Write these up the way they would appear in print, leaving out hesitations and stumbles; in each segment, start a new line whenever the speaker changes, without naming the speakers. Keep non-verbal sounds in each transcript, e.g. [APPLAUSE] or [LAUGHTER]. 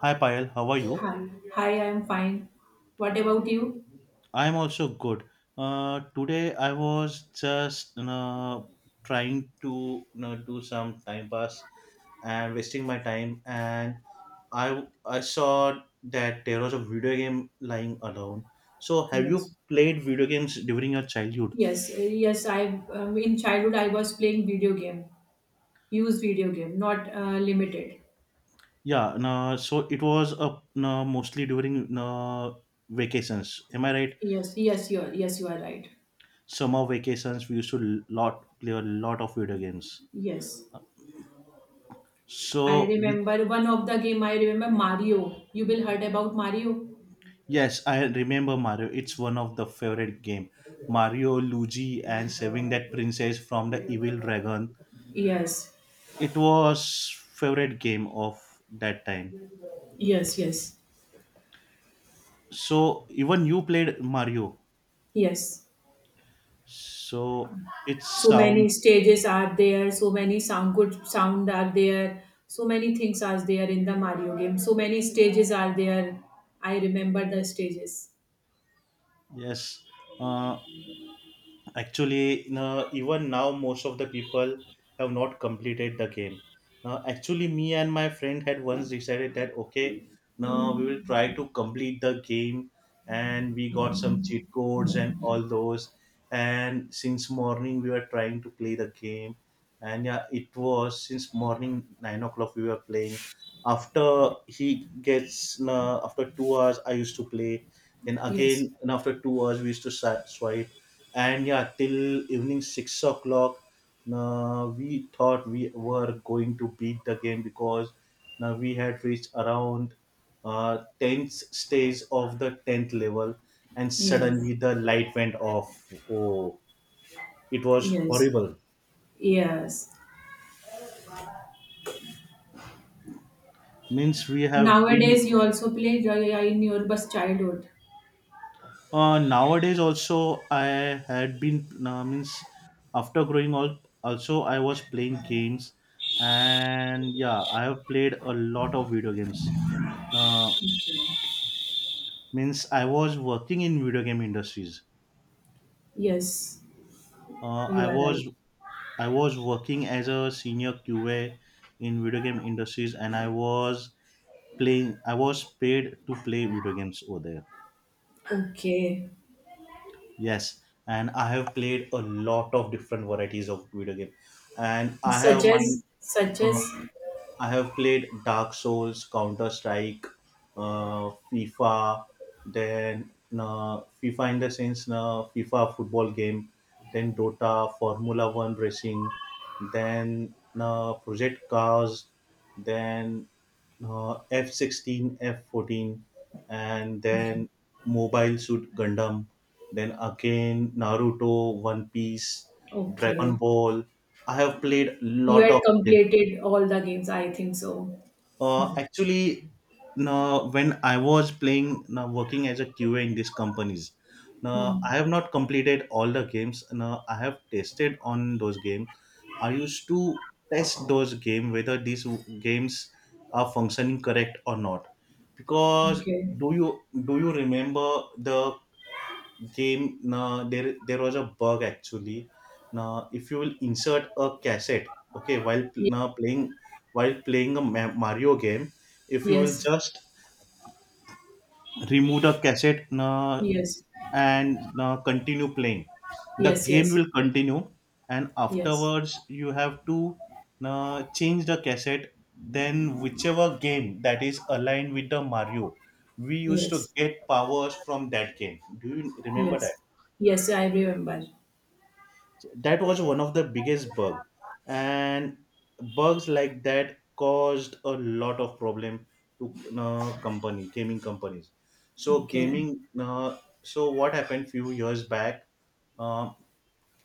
Hi Payal, how are you?
Hi. Hi, I'm fine. What about you?
I'm also good. Today I was just trying to do some time pass and wasting my time, and I saw that there was a video game lying around. So have you
Yes.
played video games during your childhood?
Yes, yes, I in childhood I was playing video game, used video game, not limited.
Yeah, no, so it was a, no, mostly during no, vacations. Am I right?
Yes, yes, you are right.
Summer vacations, we used to lot play a lot of video games.
Yes. I
So, which
remember one of the game I remember Mario. You will heard about Mario?
Yes, I remember Mario. It's one of the favorite game. Mario, Luigi, and saving that princess from the evil dragon.
Yes.
It was favorite game of that time.
Yes, yes.
So even you played Mario.
Yes.
So it
So
sounds
many stages are there, so many sound good sound are there, so many things are there in the Mario game, so many stages are there. I remember the stages.
yes. Uh, Actually no, even now most of the people have not completed the game now actually me and my friend had once decided that okay now we will try to complete the game and we got some cheat codes and all those and since morning we were trying to play the game and yeah it was since morning 9 o'clock we were playing after he gets no, after 2 hours I used to play then
Yes,
again and after 2 hours we used to swipe and yeah till evening 6 o'clock we thought we were going to beat the game because now we had reached around 10th stage of the 10th level and
yes,
suddenly the light went off oh it was
yes,
horrible
yes.
means we have been
Nowadays you also play Jaya in your bus childhood.
nowadays also I had been means after growing up also I was playing games and yeah I have played a lot of video games uh,
Okay.
means I was working in video game industries.
Yes,
Uh, I
you are
was
right.
I was working as a senior QA in video game industries, and I was playing. I was paid to play video games over there.
Okay.
Yes, and I have played a lot of different varieties of video game, and I
such
have my
as such
uh,
as
I have played Dark Souls, Counter Strike, FIFA, then FIFA in the sense FIFA football game, then Dota, Formula One racing, then Project Cars, then F16, F14, and
okay,
then Mobile Suit Gundam, then again Naruto, One Piece, Dragon
okay,
Ball. I have played
you
lot
had
of games.
completed all the games, I think so.
Actually, now when I was playing, now working as a QA in these companies, now I
Hmm.
have not completed all the games. Now I have tested on those games. I used to test those game whether these games are functioning correct or not. Because
Okay.
do you remember the game there was a bug actually now if you will insert a cassette okay while now playing while playing a mario game if you will
Yes,
just remove the cassette now
yes,
and now continue playing the
yes,
game
yes,
will continue and
yes,
afterwards you have to now change the cassette then whichever game that is aligned with the mario we used to
yes,
get powers from that game do you remember that
yes, yes, I remember.
that was one of the biggest bug and bugs like that caused a lot of problem to company gaming companies so
Okay,
gaming so what happened few years back um,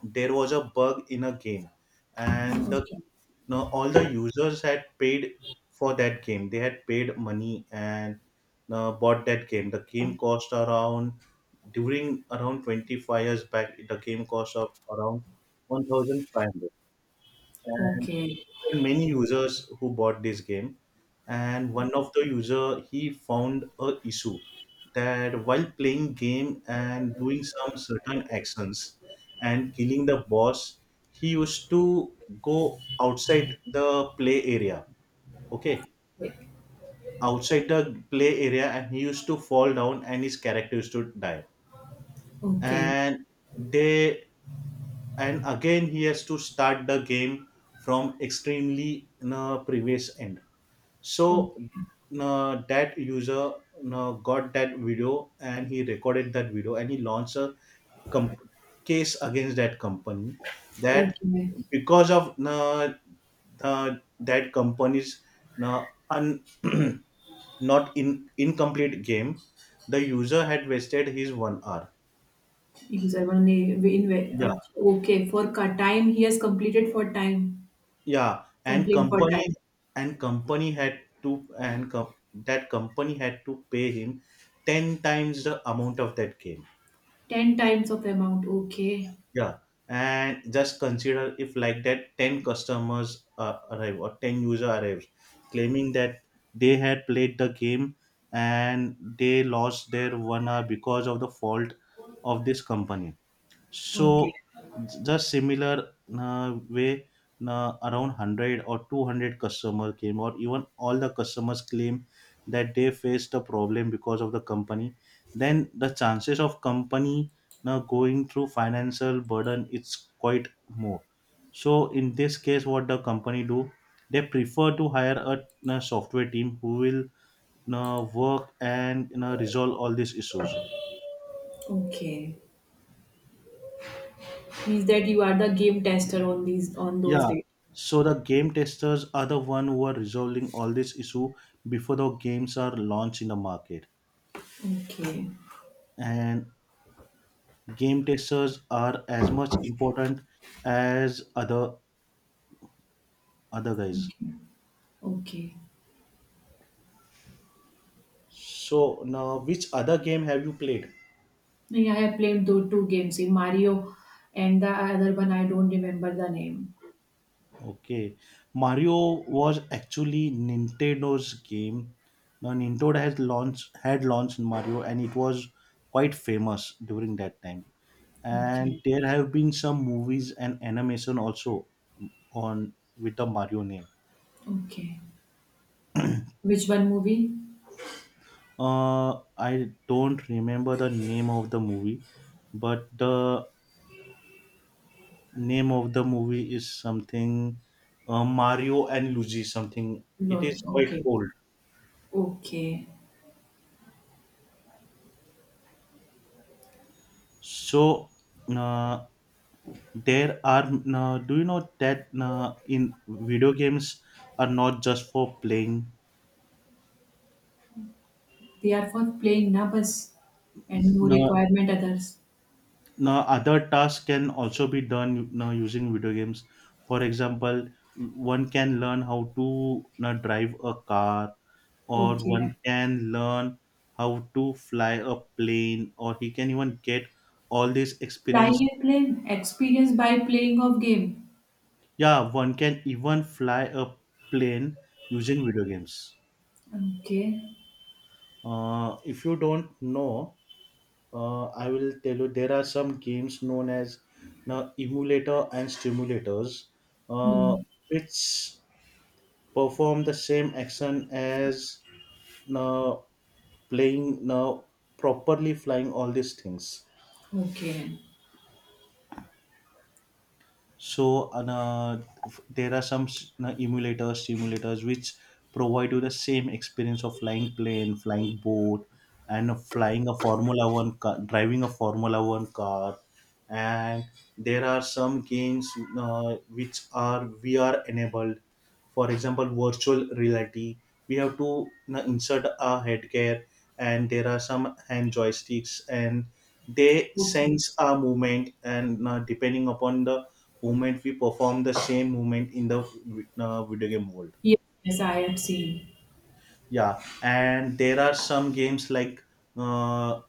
there was a bug in a game and the
okay,
now all the users had paid for that game. They had paid money and bought that game. The game cost around during around 25 years back. The game cost of around 1,500
okay,
there are many users who bought this game and one of the user he found a issue that while playing game and doing some certain actions and killing the boss he used to go outside the play area okay
okay,
outside the play area and he used to fall down and his character used to die
okay,
and they and again he has to start the game from extremely previous end
okay,
so that user got that video and he recorded that video and he launched a comp- case against that company that
okay.
because of that company's uh, un- [CLEARS THROAT] not in incomplete game the user had wasted his 1 hour
Exactly.
yeah
Okay, for time, he has completed for time,
yeah
complete for time.
and company had to and that company had to pay him 10 times the amount of that game.
10 times of amount. Okay,
Yeah, and just consider if like that 10 customers arrive or 10 user arrives claiming that they had played the game and they lost their 1 hour because of the fault of this company
okay,
so just similar way, around 100 or 200 customer came, or even all the customers claim that they faced a problem because of the company. Then the chances of company now going through financial burden it's quite more. So in this case, what the company do? They prefer to hire a, software team who will work and resolve all these issues.
okay. Means that you are the game tester on these on those
Yeah.
days.
So the game testers are the one who are resolving all this issue before the games are launched in the market.
Okay,
And game testers are as much important as other guys.
okay, okay.
So now which other game have you played?
Yeah, I have played those two games, Mario, and the other one, I don't remember the name.
Okay. Mario was actually Nintendo's game. Now Nintendo has launched had launched Mario and it was quite famous during that time, and
Okay.
there have been some movies and animation also on with the mario name.
Okay. Which one movie?
I don't remember the name of the movie but the name of the movie is something mario and luigi something. It
Lord.
is quite
Okay.
old.
Okay.
So uh, there are do you know that in video games are not just for playing.
They are for playing na bus, and no
No,
requirement others.
now, other tasks can also be done now using video games. For example, one can learn how to now drive a car, or
Okay.
one can learn how to fly a plane, or he can even get all this
Fly
experience.
a plane, experience by playing of game.
Yeah, one can even fly a plane using video games.
Okay.
If you don't know, I will tell you there are some games known as now emulator and stimulators, uh,
Hmm.
which perform the same action as now playing now properly flying all these things.
Okay.
So there are some emulators simulators which provide you the same experience of flying plane flying boat and of flying a formula one car driving a formula one car and there are some games which are vr enabled for example virtual reality we have to you insert a headgear and there are some hand joysticks and they
Okay.
sense our movement and depending upon the movement we perform the same movement in the video game world.
Yes, yes, I have seen.
Yeah and there are some games like uh,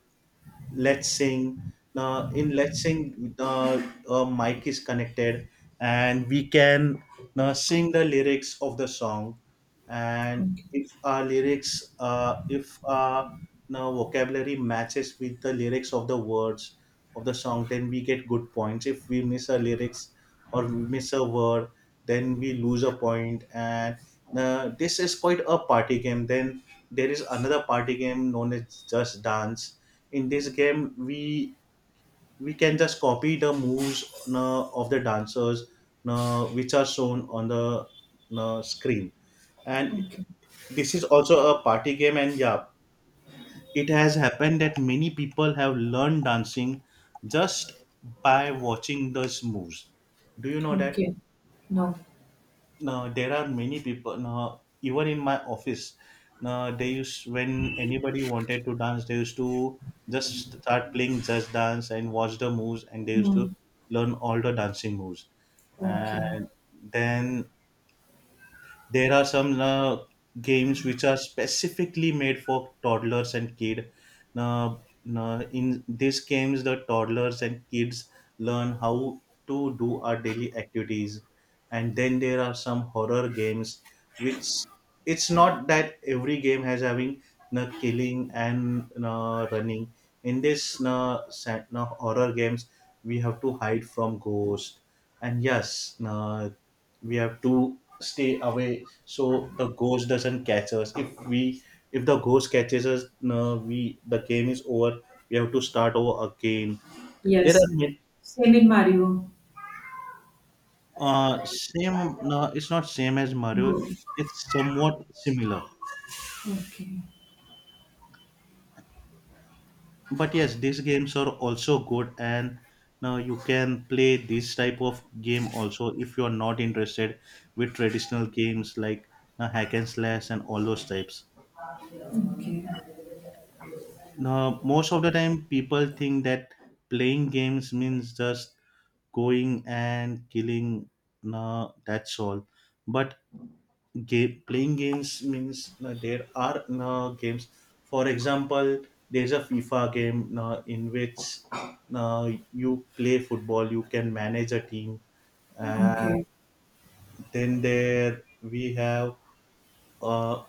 let's sing uh, in let's sing uh, mic is connected and we can sing the lyrics of the song and
Okay.
if our lyrics if our now vocabulary matches with the lyrics of the words of the song then we get good points if we miss a lyrics or we miss a word then we lose a point and this is quite a party game. Then there is another party game known as Just Dance. In this game, we can just copy the moves of the dancers which are shown on the screen. And
Okay.
this is also a party game. And yeah, it has happened that many people have learned dancing just by watching those moves. Do you know that?
Okay. No.
Now there are many people now even in my office now they used when anybody wanted to dance they used to just start playing just dance and watch the moves and they used to
Hmm.
learn all the dancing moves
Okay.
and then there are some games which are specifically made for toddlers and kid. Uh, in these games, the toddlers and kids learn how to do our daily activities. And then there are some horror games which it's not that every game has having killing and running. In this horror games, we have to hide from ghosts and yes we have to stay away so the ghost doesn't catch us if we if the ghost catches us no, we the game is over we have to start over again there are
Yes. Same in Mario.
same no it's not same as mario
Go.
it's somewhat similar
Okay.
but yes these games are also good and now you can play this type of game also if you are not interested with traditional games like hack and slash and all those types.
Okay.
Now, most of the time, people think that playing games means just going and killing. No, that's all. But game, playing games means no, there are no games. For example, there's a FIFA game no, in which no, you play football. You can manage a team. And
Okay.
then there we have uh,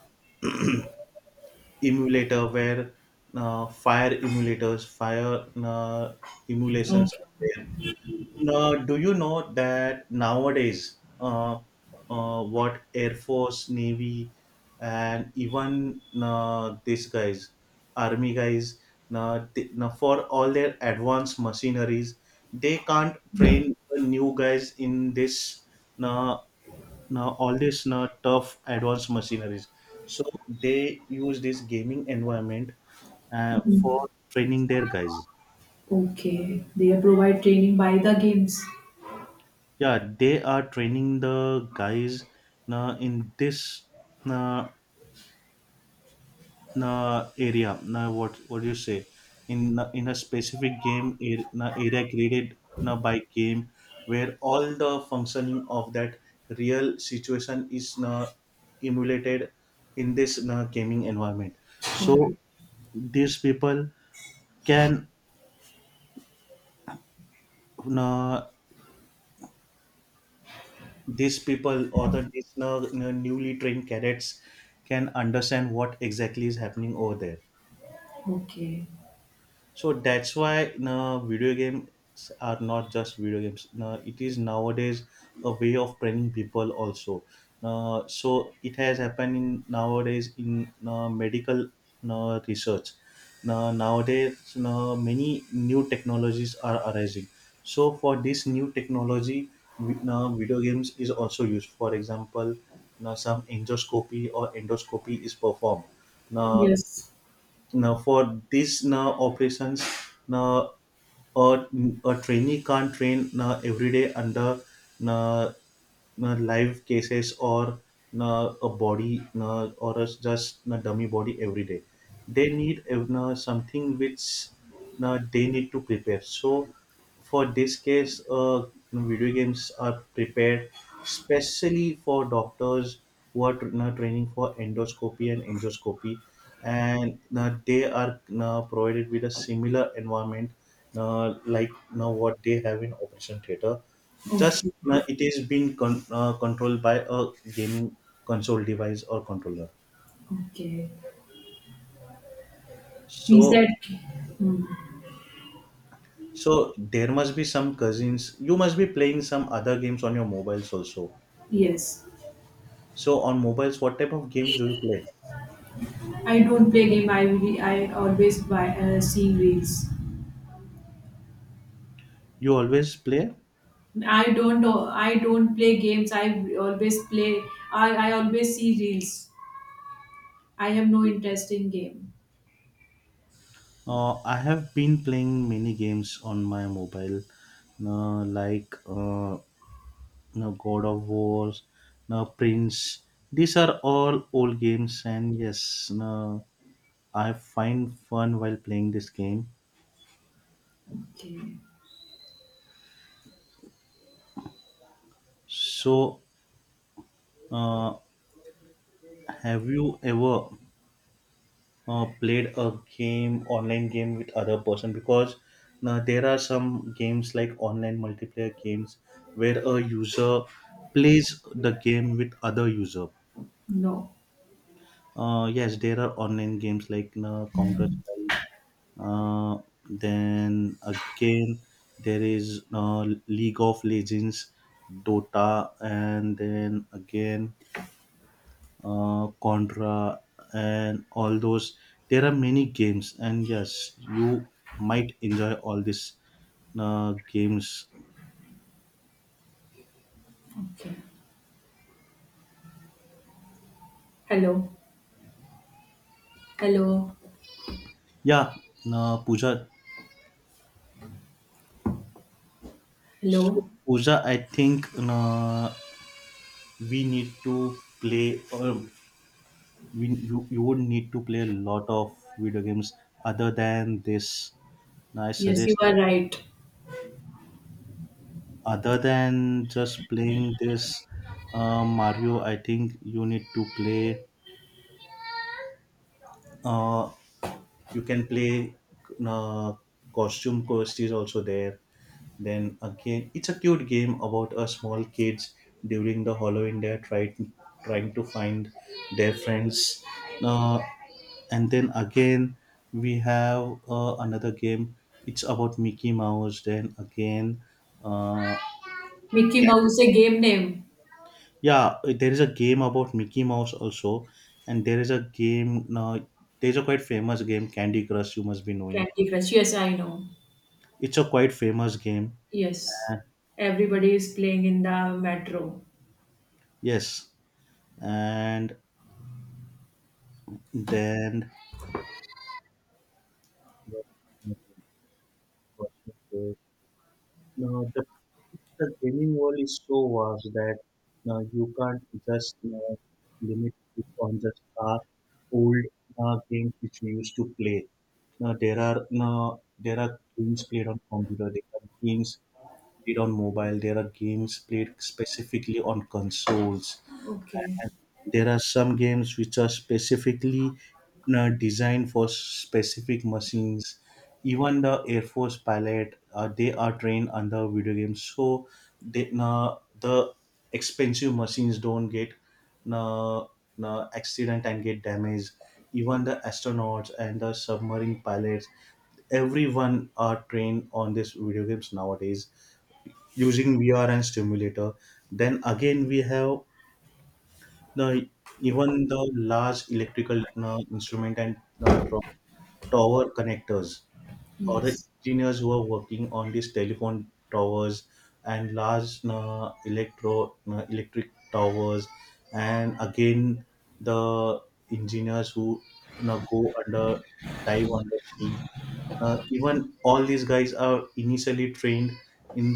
emulator where fire emulators, fire emulations
Okay.
are there. Now, do you know that nowadays, what Air Force, Navy, and even these guys, Army guys, now, now for all their advanced machineries, they can't train the new guys in this. Now, now all these now tough advanced machineries, so they use this gaming environment for training their guys.
Okay. They provide training by the games.
Yeah, they are training the guys now in this uh, area. Now, what do you say, in a specific game area created now by game, where all the functioning of that real situation is now emulated in this na gaming environment. So
Okay.
these people can, uh, these people or these, newly trained cadets can understand what exactly is happening over there.
Okay.
So that's why no, video games are not just video games. No, it is nowadays a way of training people also. No, so it has happened in nowadays in no, medical no, research. No, nowadays no, many new technologies are arising. So for this new technology, no, video games is also used. For example, no, some endoscopy or endoscopy is performed. Now,
Yes.
now for this now operations, now a, a trainee can't train now every day under now live cases or a body or a, just a dummy body every day. They need something which they need to prepare. So for this case, video games are prepared specially for doctors who are training for endoscopy and angioscopy, and they are provided with a similar environment like what they have in operation theater. Just
Okay.
it is being controlled by a gaming console device or controller.
Okay. Means that.
So
Hmm.
so there must be some cousins. You must be playing some other games on your mobiles also.
Yes.
So on mobiles, what type of games do you play?
I don't play game. I really, I always buy see reels.
You always play.
I don't. I don't play games. I always play. I always see reels. I have no interest in game.
I have been playing many games on my mobile, like god of wars, prince. These are all old games, and yes no, I find fun while playing this game.
Okay.
So, uh, have you ever played a game, online game, with other person? Because there are some games like online multiplayer games where a user plays the game with other user.
No.
Yes, there are online games like Counter Strike. Uh, then again, there is League of Legends, Dota, and then again Contra, and all those. There are many games, and yes, you might enjoy all these games.
Okay. Hello, hello,
Yeah, Pooja. So,
hello.
Pooja, I think we need to play, or you would need to play a lot of video games other than this. Now, I
Yes, you
suggest
are right.
other than just playing this Mario, I think you need to play, uh, you can play, uh, costume quest is also there. Then again, it's a cute game about a small kids during the halloween. They're trying, trying to find their friends. Uh, and then again we have another game. It's about mickey mouse. Then again, uh,
Mickey Mouse is a game name.
yeah, there is a game about Mickey Mouse also, and there is a game. There's a quite famous game, Candy Crush. You must be knowing.
Candy Crush. Yes, I know.
It's a quite famous game.
Yes. Everybody is playing in the metro.
Yes, and then now the, the gaming world is so vast that you can't just limit it on just our old games which we used to play. Now there are, now there are games played on computer. There are games played on mobile. There are games played specifically on consoles.
Okay.
And there are some games which are specifically designed for specific machines. Even the Air Force pilot, they are trained under video games. So they, the expensive machines don't get accident and get damaged. Even the astronauts and the submarine pilots, everyone are trained on these video games nowadays using VR and stimulator. Then again, we have the, even the large electrical instrument and uh, tro- tower connectors, or the
Yes.
engineers who are working on these telephone towers and large electro electric towers, and again the engineers who, you know, go under, dive under sea, even all these guys are initially trained in,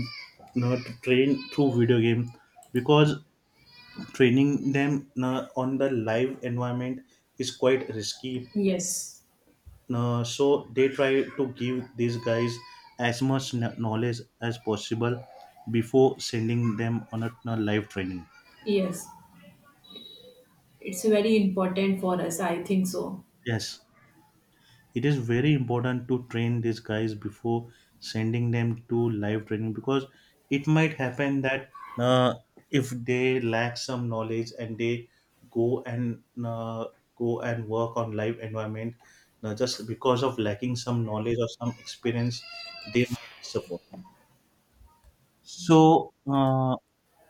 you know, to train through video game, because training them, you know, on the live environment is quite risky.
Yes.
Uh, so they try to give these guys as much knowledge as possible before sending them on a live training.
Yes. It's very important for us. I think so.
Yes, it is very important to train these guys before sending them to live training, because it might happen that uh, if they lack some knowledge and they go and go and work on live environment, just because of lacking some knowledge or some experience, they might suffer. So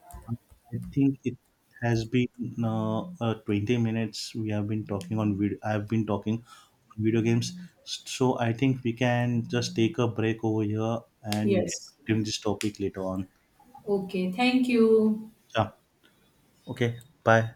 I think it has been 20 minutes we have been talking on video games. So I think we can just take a break over here, and we can
Yes.
continue this topic later on.
Okay. Thank you.
Yeah. Okay. Bye.